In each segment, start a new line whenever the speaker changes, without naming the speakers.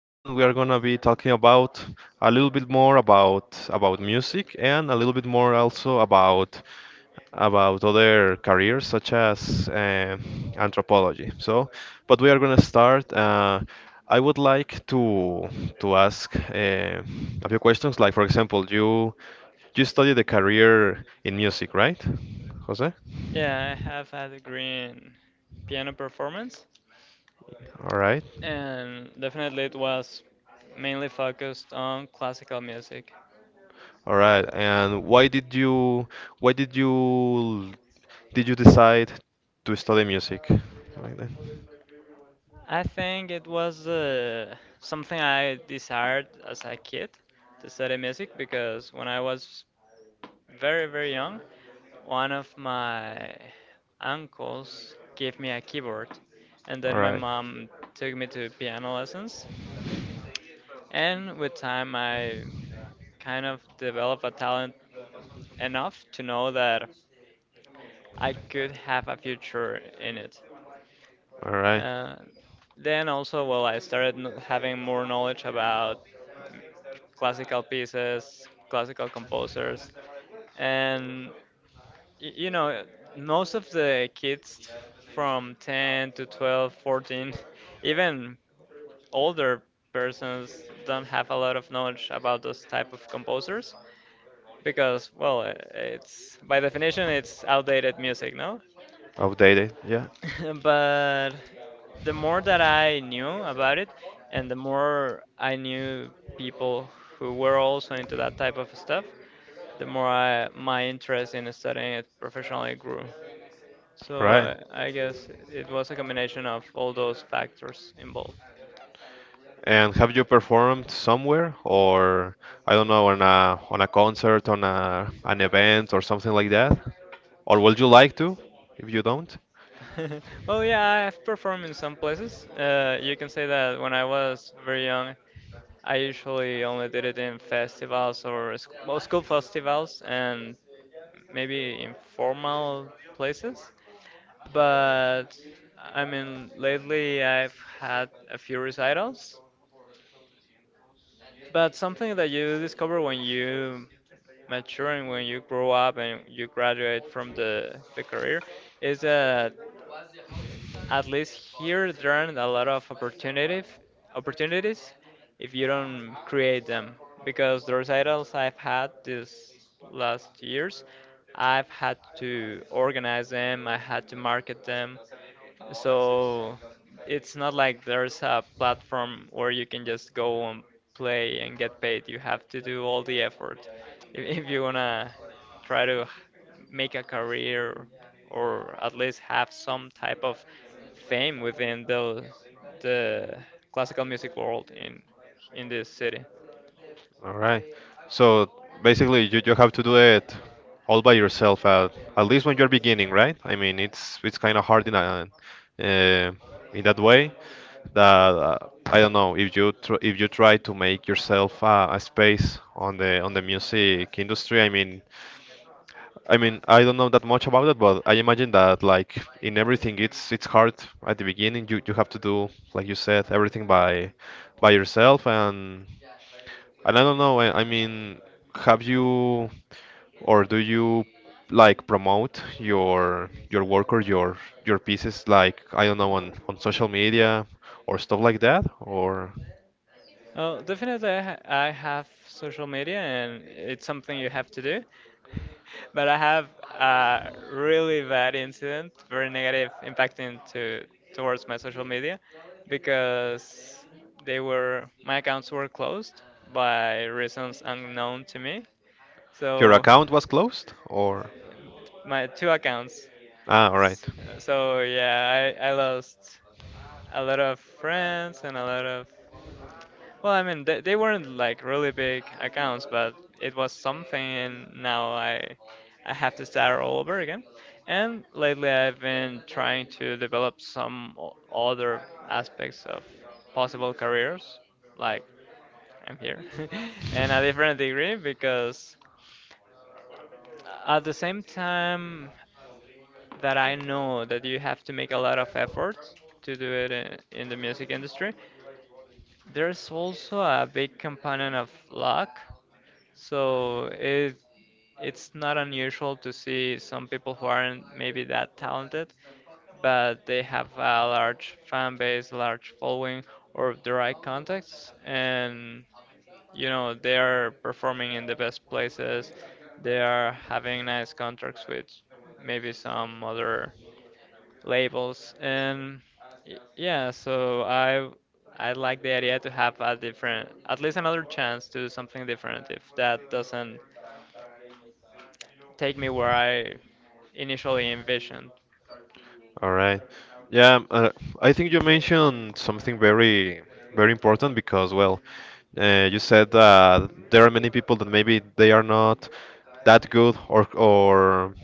and we are gonna be talking about a little bit more about music and a little bit more also about other careers such as anthropology. So, but we are gonna start. I would like to ask a few questions. Like for example, you study the career in music, right, Jose?
Yeah, I have had a green piano performance,
All right.
and definitely it was mainly focused on classical music.
All right. And why did you decide to study music like that?
I think it was something I desired as a kid to study music because when I was very, very young, one of my uncles gave me a keyboard, and
All
then my
right.
mom took me to piano lessons. And with time, I kind of developed a talent enough to know that I could have a future in it.
All right.
Uh, then also, well, I started having more knowledge about classical pieces, classical composers, and y- you know, most of the kids from 10 to 12, 14, even older persons don't have a lot of knowledge about those type of composers because, well, it's by definition, it's outdated music, no?
Outdated. Yeah.
But the more that I knew about it, and the more I knew people who were also into that type of stuff, my interest in studying it professionally grew.
All
So
right.
I, I guess it was a combination of all those factors involved.
And have you performed somewhere or I don't know on a concert on a an event or something like that? Or would you like to if you don't?
Well, yeah, I've performed in some places. You can say that when I was very young, I usually only did it in festivals or well, school festivals and maybe informal places. But I mean, lately I've had a few recitals. But something that you discover when you mature and when you grow up and you graduate from the career is that at least here there aren't a lot of opportunity opportunities if you don't create them, because the recitals I've had this last years, I've had to organize them, I had to market them. So it's not like there's a platform where you can just go and play and get paid. You have to do all the effort if you wanna try to make a career, or at least have some type of fame within the classical music world in this city.
All right. So basically, you have to do it all by yourself at least when you're beginning, right? I mean, it's kind of hard in uh, in that way that I don't know if you tr if you try to make yourself a space on the music industry. I mean, I don't know that much about it, but I imagine that like in everything, it's hard at the beginning. You have to do, like you said, everything by yourself and I don't know, I mean, have you or do you like promote your work or your pieces like I don't know on social media or stuff like that or
Oh, definitely, I have social media, and it's something you have to do. But I have a really bad incident, very negative impacting to towards my social media, because they were my accounts were closed by reasons unknown to me.
your
So
account was closed or
my two accounts.
ah, all right.
S- So yeah, I lost a lot of friends and a lot of, well, I mean, they weren't like really big accounts, but it was something. And now I have to start all over again. And lately, I've been trying to develop some other aspects of possible careers, like I'm here, in a different degree, because at the same time that I know that you have to make a lot of effort to do it in the music industry, there's also a big component of luck. So it's not unusual to see some people who aren't maybe that talented, but they have a large fan base, a large following, or the right contacts, and you know they are performing in the best places. They are having nice contracts with maybe some other labels, and yeah, so I like the idea to have a different, at least another chance to do something different if that doesn't take me where I initially envisioned.
All right. Yeah, I think you mentioned something very important because, well, you said that there are many people that maybe they are not that good or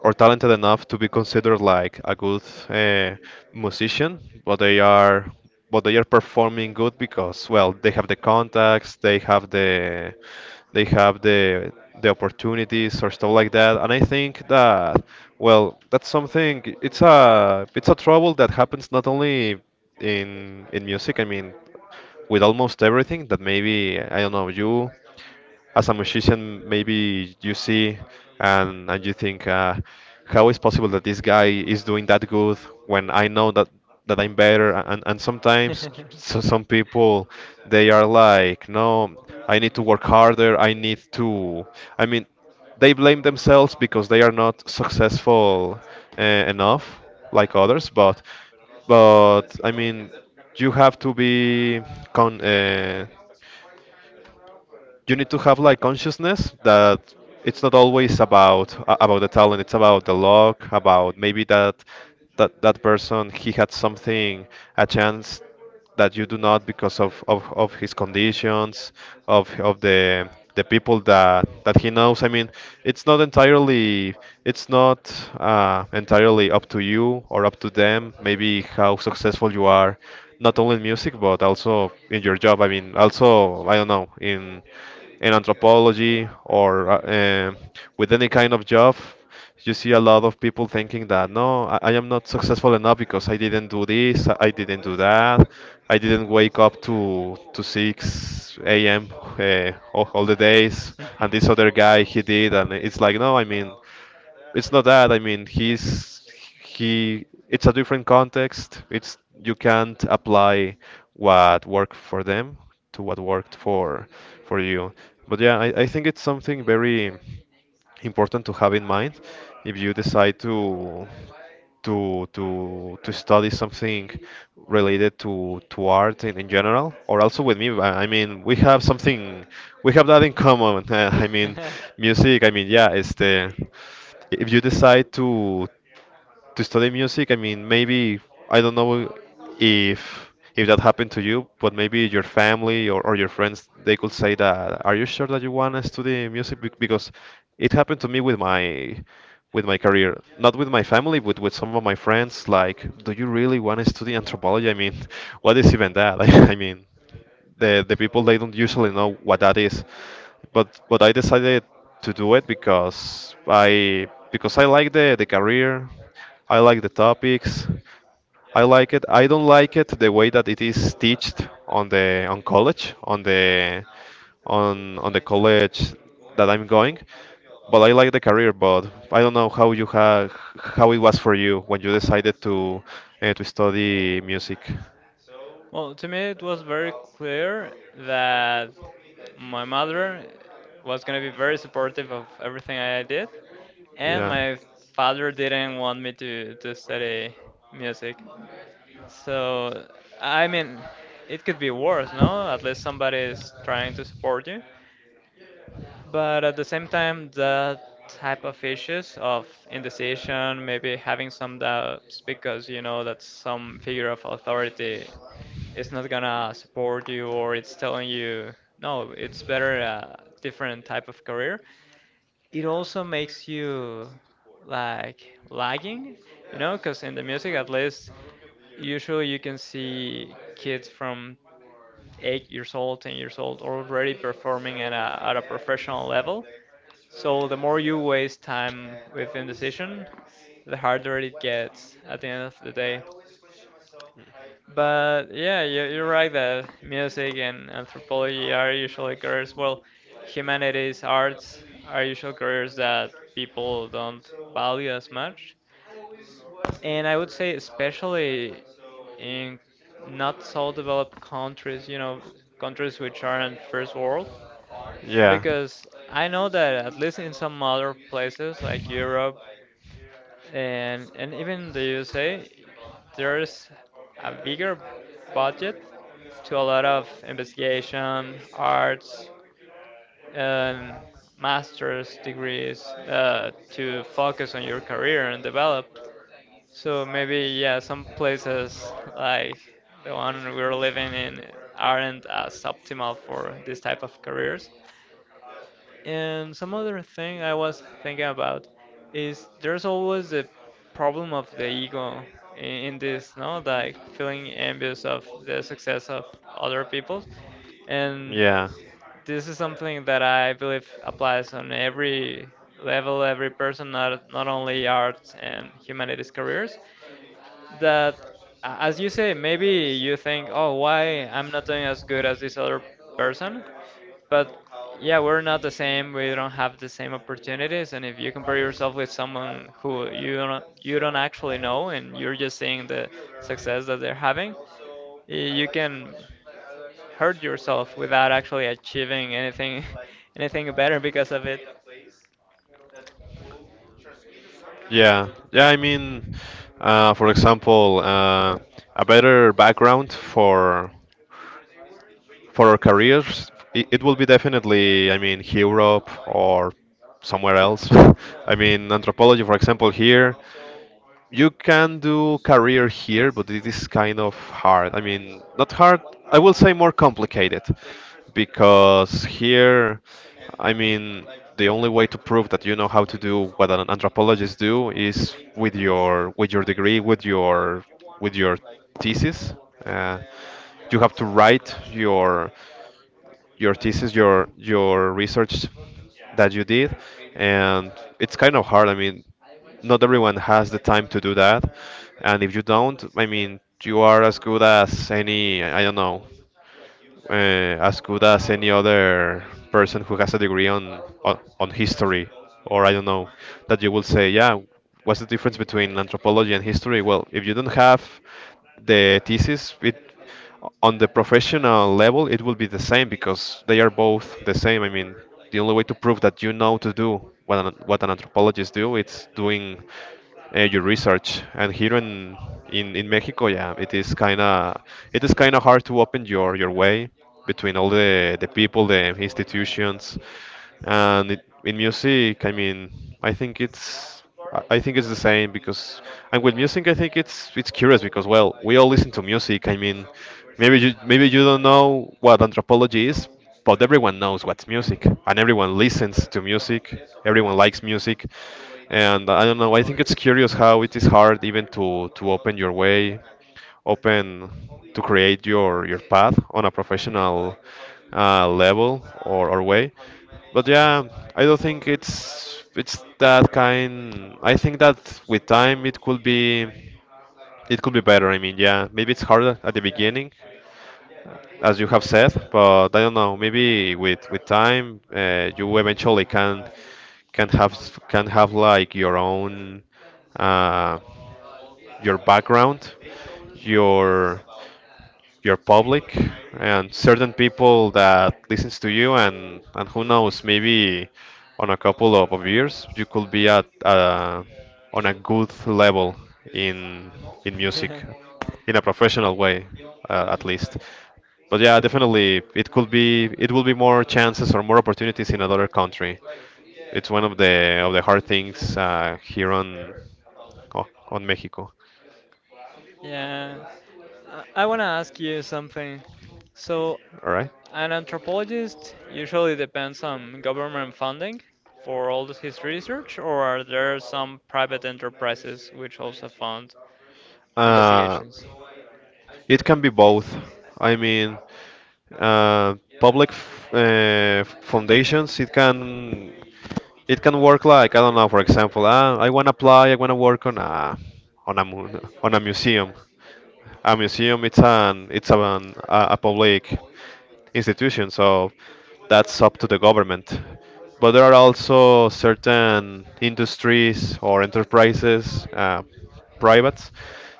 or talented enough to be considered like a good uh, musician, but they are but they are performing good because well they have the contacts, they have they have the opportunities or stuff like that. And I think that well that's something it's a trouble that happens not only in music. I mean with almost everything that maybe I don't know you as a musician, maybe you see and you think, how is possible that this guy is doing that good when I know that I'm better? And sometimes so some people they are like, no, I need to work harder. I need to. I mean, they blame themselves because they are not successful enough like others. But I mean, you have to be con. You need to have like consciousness that it's not always about about the talent, it's about the luck, about maybe that that person he had something, a chance that you do not because of his conditions of the people that he knows. I mean, it's not entirely, it's not entirely up to you or up to them maybe how successful you are not only in music but also in your job. I mean also I don't know in anthropology or with any kind of job, you see a lot of people thinking that no, I am not successful enough because I didn't do this, I didn't do that, I didn't wake up to 6 a.m. All the days, and this other guy he did, and it's like no, I mean it's not that. I mean, he's he. It's a different context. It's You can't apply what worked for them to what worked for you. But yeah, I think it's something very important to have in mind if you decide to to study something related to art in general or also with me. I mean we have something, we have that in common I mean music. I mean yeah it's the, if you decide to study music, I mean maybe I don't know if that happened to you, but maybe your family or your friends, they could say that, are you sure that you want to study music? Because it happened to me with my career, not with my family, but with some of my friends. Like, do you really want to study anthropology? I mean, what is even that? I mean, the people they don't usually know what that is. But I decided to do it because I like the career, I like the topics, I like it. I don't like it the way that it is teached on the on college on the college that I'm going. But I like the career. But I don't know how it was for you when you decided to study music.
Well, to me, it was very clear that my mother was going to be very supportive of everything I did, and
Yeah.
my father didn't want me to study music. So, I mean, it could be worse, no? At least somebody is trying to support you. But at the same time, that type of issues of indecision, maybe having some doubts because you know that some figure of authority is not gonna support you, or it's telling you, no, it's better a different type of career. It also makes you like lagging, you know, because in the music, at least. Usually, you can see kids from 8 years old, 10 years old, already performing at a professional level. So, the more you waste time with indecision, the harder it gets at the end of the day. But yeah, you're right that music and anthropology are usually careers. Well, humanities, arts are usually careers that people don't value as much. And I would say, especially in not so developed countries, you know, countries which aren't first world,
Yeah.
because I know that at least in some other places like Europe and even the USA, there's a bigger budget to a lot of investigation, arts, and master's degrees, to focus on your career and develop. So maybe yeah, some places like the one we're living in aren't as optimal for this type of careers. And some other thing I was thinking about is there's always the problem of the ego in this, no? Like feeling envious of the success of other people. And
Yeah.
this is something that I believe applies on every level, every person, not only arts and humanities careers, that, as you say, maybe you think, oh, why I'm not doing as good as this other person? But yeah, we're not the same. We don't have the same opportunities. And if you compare yourself with someone who you don't actually know and you're just seeing the success that they're having, you can hurt yourself without actually achieving anything anything better because of it.
Yeah. Yeah, I mean, for example, a better background for our careers, it will be definitely, I mean, Europe or somewhere else. I mean, anthropology, for example, here, you can do career here, but it is kind of hard. I mean, not hard. I will say more complicated, because here, I mean, the only way to prove that you know how to do what an anthropologist do is with your degree, with your with your thesis. Uh, you have to write your thesis, your research that you did, and it's kind of hard. I mean, not everyone has the time to do that, and if you don't, I mean, you are as good as any I don't know uh, as good as any other person who has a degree on history or I don't know, that you will say yeah what's the difference between anthropology and history. Well if you don't have the thesis it on the professional level it will be the same because they are both the same. I mean the only way to prove that you know to do what an anthropologist do it's doing your research. And here in in Mexico, yeah, it is kind of, it is kind of hard to open your way between all the people, the institutions, and it, in music. I mean, I think it's I think it's the same because and with music, I think it's curious because well, we all listen to music. I mean, maybe you don't know what anthropology is. But everyone knows what's music, and everyone listens to music. Everyone likes music, and I don't know. I think it's curious how it is hard even to open your way, open to create your path on a professional level or way. But yeah, I don't think it's that kind. I think that with time it could be, it could be better. I mean, yeah, maybe it's harder at the beginning, as you have said, but I don't know. Maybe with time, you eventually can can have can have like your own uh, your background, your public, and certain people that listens to you, and who knows, maybe on a couple of years you could be at on a good level in music, in a professional way, at least. But yeah, definitely, it will be more chances or more opportunities in another country. It's one of the hard things here on oh, on Mexico.
Yeah. I want to ask you something. So,
All right.
an anthropologist usually depends on government funding for all of his research, or are there some private enterprises which also fund
Uh,
investigations?
it can be both. I mean, uh, public f foundations. It can work like I don't know. For example, ah, I want to apply. I want to work on a on on a museum. A museum. It's an a public institution, so that's up to the government. But there are also certain industries or enterprises, privates,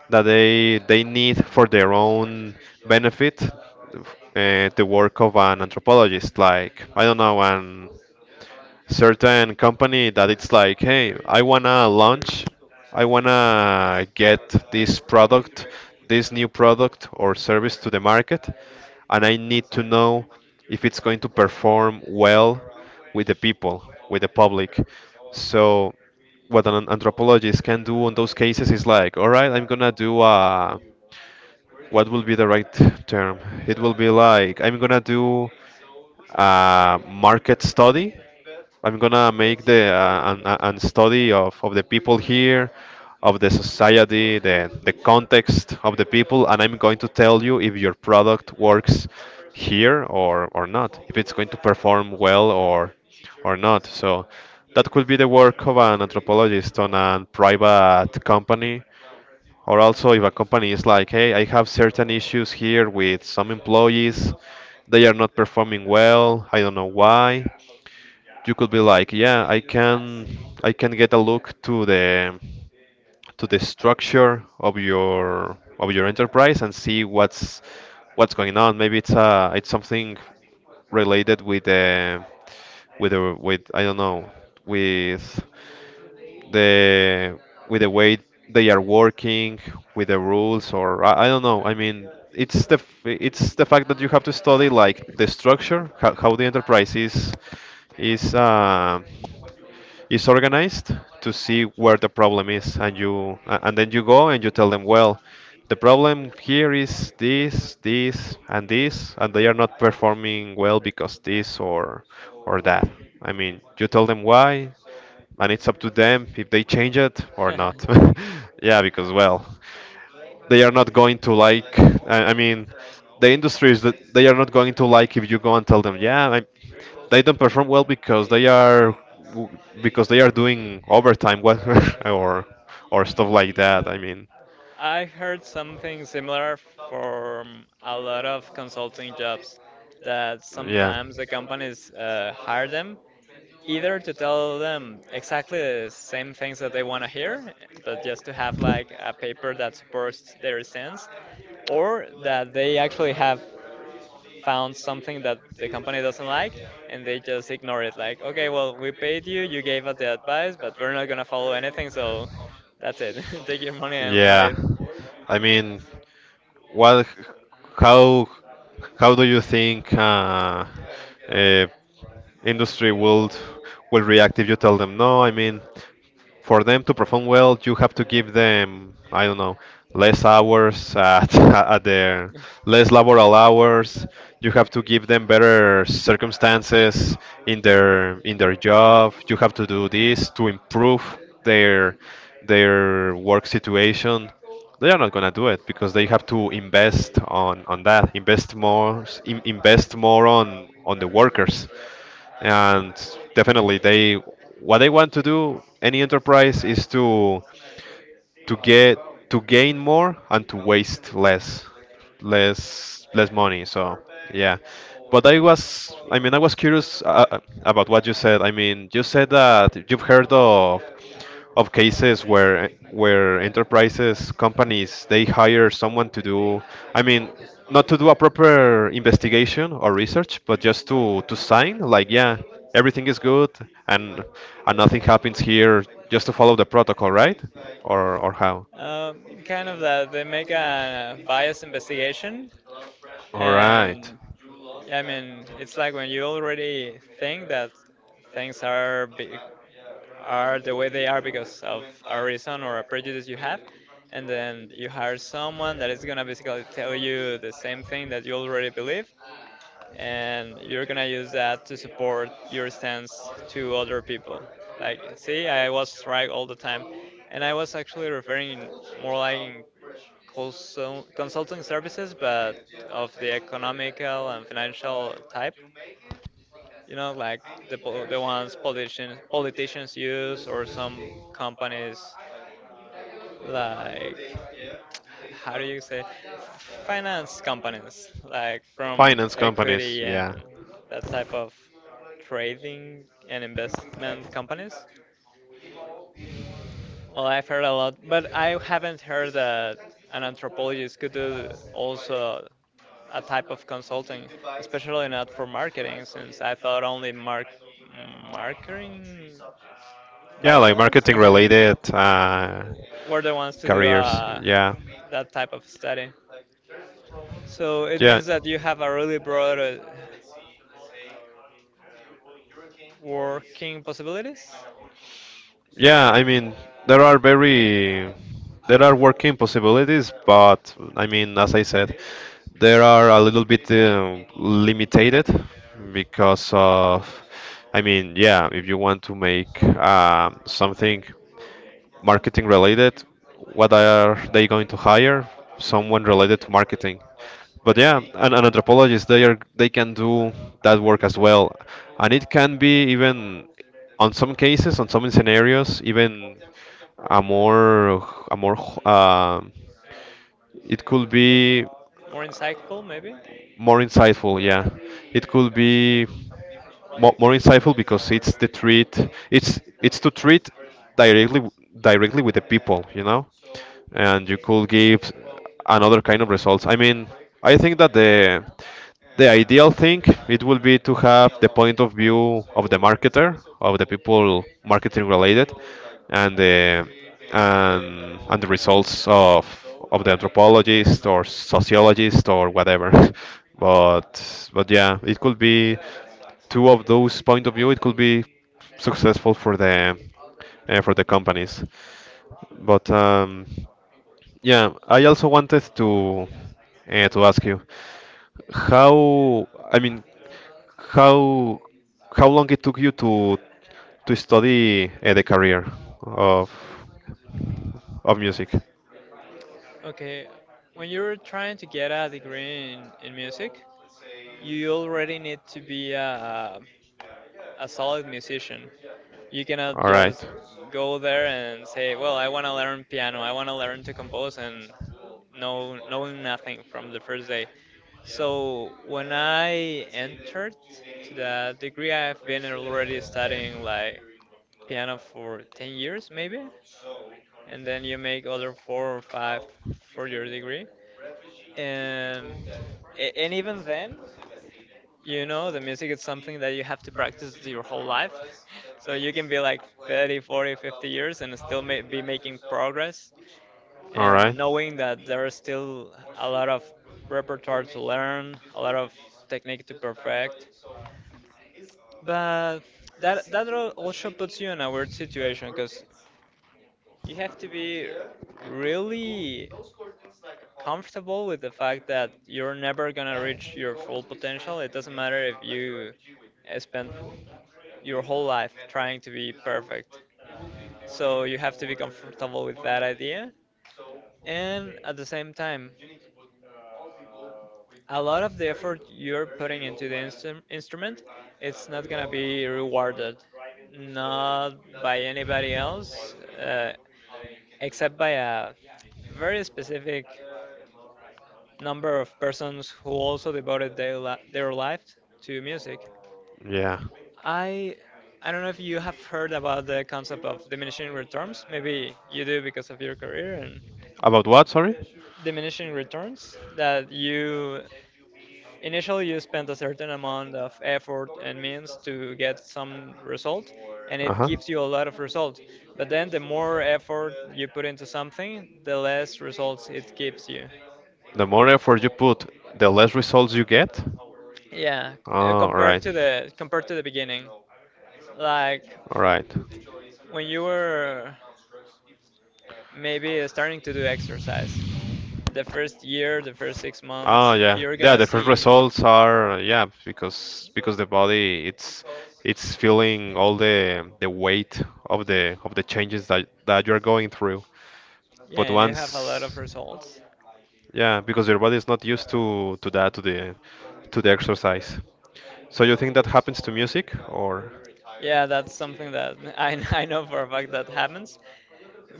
that they need for their own benefit the work of an anthropologist. Like I don't know, an certain company that it's like, hey, I wanna launch, I wanna get this product, this new product or service to the market, and I need to know if it's going to perform well with the people, with the public. So what an anthropologist can do in those cases is like, all right, I'm gonna do a what will be the right term? It will be like I'm gonna do a market study. I'm gonna make an study of the people here, of the society, the context of the people, and I'm going to tell you if your product works here or not, if it's going to perform well or not. So that could be the work of an anthropologist on a private company. Or also, if a company is like, hey, I have certain issues here with some employees, they are not performing well, I don't know why, you could be like, yeah, I can get a look to the structure of your enterprise and see what's going on. Maybe it's something related with the with the with I don't know, with the with the way they are working, with the rules, or I don't know. I mean, it's the fact that you have to study, like, the structure, how the enterprise is is uh, is organized, to see where the problem is, and and then you go and you tell them, well, the problem here is this, this, and this, and they are not performing well because this or that. I mean, you tell them why, and it's up to them if they change it or not. Yeah, because, well, they are not going to like, I mean, the industries, that they are not going to like if you go and tell them, yeah, they don't perform well because they are doing overtime, what? or or stuff like that.
Uh,
I mean,
I've heard something similar from a lot of consulting jobs, that
yeah.
sometimes the companies hire them either to tell them exactly the same things that they want to hear, but just to have like a paper that supports their stance, or that they actually have found something that the company doesn't like and they just ignore it, like, okay, well, we paid you, you gave us the advice, but we're not going to follow anything, so that's it. Take your money and
Yeah,
leave.
I mean, what? How? How do you think uh, industry will react if you tell them no? I mean, for them to perform well, you have to give them, I don't know, less hours at at their less laboral hours. You have to give them better circumstances in their job. You have to do this to improve their their work situation. They are not gonna do it because they have to invest on that, invest more, invest more on the workers. And definitely they, what they want to do, any enterprise, is to get to gain more and to waste less money, so yeah. But I mean, I was curious about what you said. I mean, you said that you've heard of cases where enterprises, companies, they hire someone to do, I mean, not to do a proper investigation or research, but just to sign like, yeah, everything is good, and and nothing happens here, just to follow the protocol, right? Or how?
Kind of that they make a bias investigation,
All right.
and I mean it's like when you already think that things are are the way they are because of a reason or a prejudice you have, and then you hire someone that is gonna basically tell you the same thing that you already believe, and you're gonna use that to support your stance to other people. Like, see, I was right all the time. And I was actually referring more like in consulting services, but of the economical and financial type. You know, like the ones politicians use, or some companies like, how do you say, finance companies, like from
Finance companies,
equity
yeah.
and that type of trading and investment companies. Well, I've heard a lot, but I haven't heard that an anthropologist could do also a type of consulting, especially not for marketing, since I thought only marketing
Yeah, like
bachelors
marketing related,
were the ones to do,
careers, yeah.
that type of study. So it
Yeah,
means that you have a really broad, working possibilities,
yeah. I mean, there are very there are working possibilities, but I mean, as I said, there are a little bit limited, because of. I mean, yeah, if you want to make something marketing related, what are they going to hire? Someone related to marketing. But yeah, an anthropologist, they can do that work as well. And it can be even on some scenarios, even a more a more uh, it could be
more insightful maybe.
more insightful, yeah. It could be more insightful because it's the treat it's to treat directly directly with the people, you know. And you could give another kind of results. I mean, I think that the ideal thing, it would be to have the point of view of the marketer, of the people marketing related, and the and the results of the anthropologist or sociologist or whatever. But yeah, it could be two of those point of view. It could be successful for the companies. But yeah, I also wanted to ask you, how I mean, how how long it took you to study the career of of music.
Okay, when you're trying to get a degree in music, you already need to be a solid musician. You cannot
All right.
just go there and say, "Well, I want to learn piano. I want to learn to compose," and knowing nothing from the first day. So when I entered to that degree, I've been already studying like piano for 10 years maybe, and then you make other four or five for your degree. And and even then. You know, the music is something that you have to practice your whole life. So you can be like 30, 40, 50 years and still ma be making progress
All right.
and knowing that there is still a lot of repertoire to learn, a lot of technique to perfect. But that also puts you in a weird situation because you have to be really comfortable with the fact that you're never gonna reach your full potential. It doesn't matter if you spend your whole life trying to be perfect. So you have to be comfortable with that idea. And at the same time, a lot of the effort you're putting into the instrument, it's not gonna be rewarded, not by anybody else. Except by a very specific number of persons who also devoted their life to music.
Yeah.
I I don't know if you have heard about the concept of diminishing returns. Maybe you do because of your career. And
About what? Sorry.
diminishing returns, that you initially, you spend a certain amount of effort and means to get some result, and
Uh
it
huh.
gives you a lot of results. But then the more effort you put into something, the less results it gives you.
The more effort you put, the less results you get?
Yeah,
Oh, alright.
compared to the beginning, like
Alright.
when you were maybe starting to do exercise, the first year, the first six
Oh
months,
yeah.
you're
Yeah,
gonna
the first
see,
results are, yeah, because the body, it's feeling all the weight of the changes that you're going through.
yeah,
But
and you have a lot of
once
results.
Yeah, because your body is not used to that, to the exercise. So you think that happens to music, or...
Yeah, that's something that I, I know for a fact that happens,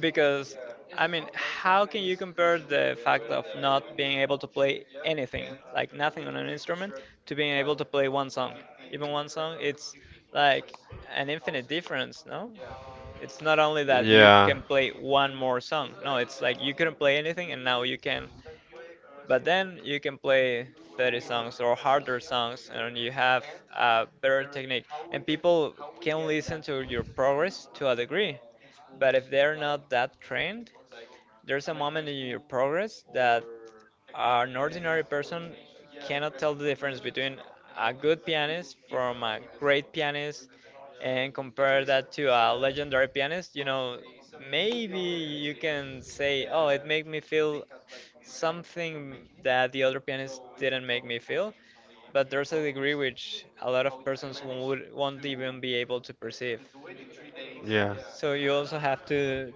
because I mean, how can you compare the fact of not being able to play anything, like nothing on an instrument, to being able to play one song? Even one song, it's like an infinite difference, no? It's not only that you
yeah.
can play one more song. No, it's like you couldn't play anything and now you can, but then you can play 30 songs or harder songs and you have a better technique. And people can listen to your progress to a degree. But if they're not that trained, there's a moment in your progress that an ordinary person cannot tell the difference between a good pianist from a great pianist and compare that to a legendary pianist. You know, maybe you can say, oh, it made me feel something that the other pianist didn't make me feel. But there's a degree which a lot of persons won't even be able to perceive.
Yeah.
So you also have to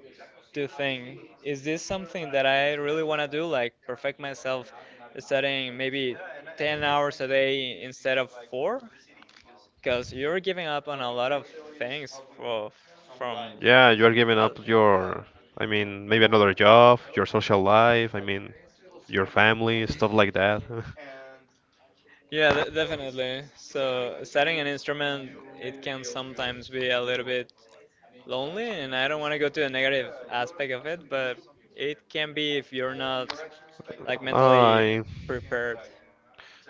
to think, is this something that I really want to do? Like perfect myself studying maybe 10 hours a day instead of four? Because you're giving up on a lot of things, for, from.
Yeah, you are giving
Uh,
up your, I mean, maybe another job, your social life, I mean, your family, stuff like that.
Yeah, definitely. So, studying an instrument, it can sometimes be a little bit lonely, and I don't want to go to the negative aspect of it, but it can be if you're not like mentally
I,
prepared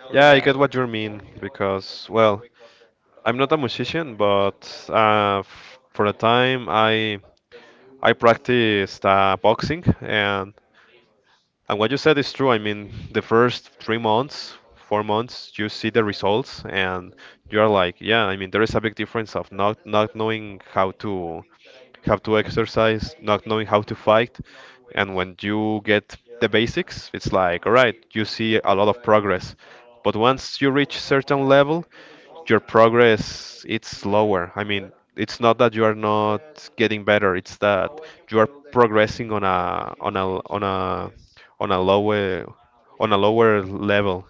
for
yeah, I
that.
get what you mean because, well, I'm not a musician, but f for a time, I practiced boxing. And what you said is true. I mean, the first 3 months, 4 months, you see the results, and you are like, yeah. I mean, there is a big difference of not knowing how to exercise, not knowing how to fight. And when you get the basics, it's like, all right, you see a lot of progress. But once you reach certain level, your progress, it's slower. I mean, it's not that you are not getting better; it's that you are progressing on a on a on a on a lower on a lower level.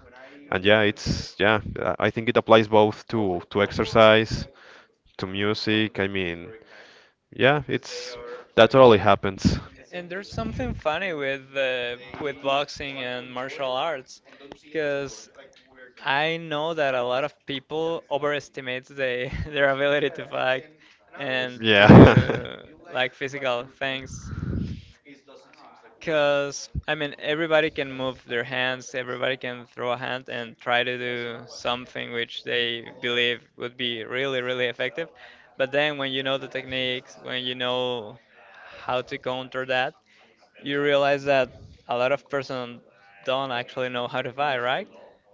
And yeah, it's yeah, I think it applies both to exercise, to music. I mean, yeah, it's that totally happens.
And there's something funny with, with boxing and martial arts, because I know that a lot of people overestimate the, their ability to fight and to
Yeah.
do like physical things. Because, I mean, everybody can move their hands, everybody can throw a hand and try to do something which they believe would be really, really effective. But then when you know the techniques, when you know how to counter that, you realize that a lot of person don't actually know how to buy, right?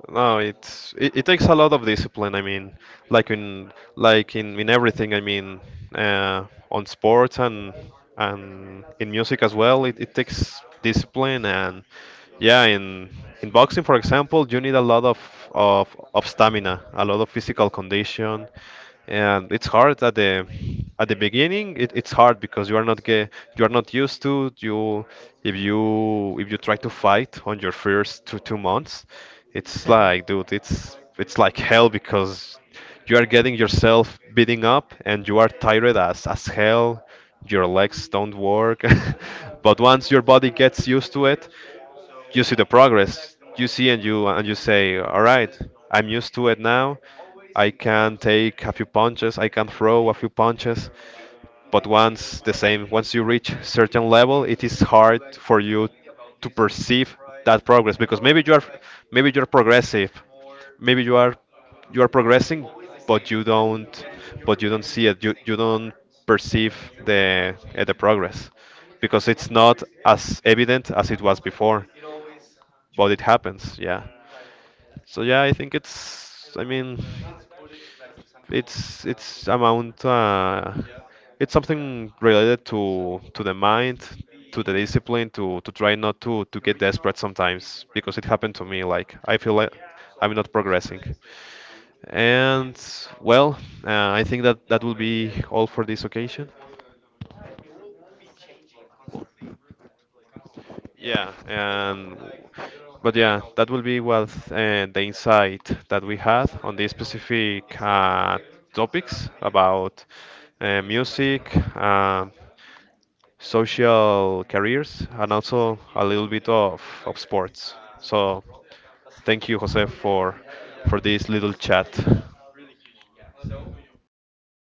No, it takes a lot of discipline. I mean, like in everything. I mean, on sports, and in music as well. It takes discipline. And yeah, in boxing, for example, you need a lot of, of stamina, a lot of physical condition. And it's hard at the beginning. It's hard because you are not get, you are not used to. You if you if you try to fight on your first two months, it's like, dude, it's like hell, because you are getting yourself beating up, and you are tired as hell. Your legs don't work. But once your body gets used to it, you see the progress, you see, and you say, all right, I'm used to it now. I can take a few punches, I can throw a few punches. But once the same once you reach certain level, it is hard for you to perceive that progress because maybe you're progressive maybe you are progressing, but you don't but you don't see it. You don't perceive the progress because it's not as evident as it was before. But it happens. Yeah. So yeah, I think it's. I mean, it's amount. It's something related to the mind, to the discipline, to try not to get desperate sometimes because it happened to me. Like, I feel like I'm not progressing. And, well, I think that will be all for this occasion. Yeah, and but yeah, that will be what the insight that we had on these specific topics about music, social careers, and also a little bit of sports. So thank you, Jose, for this little chat.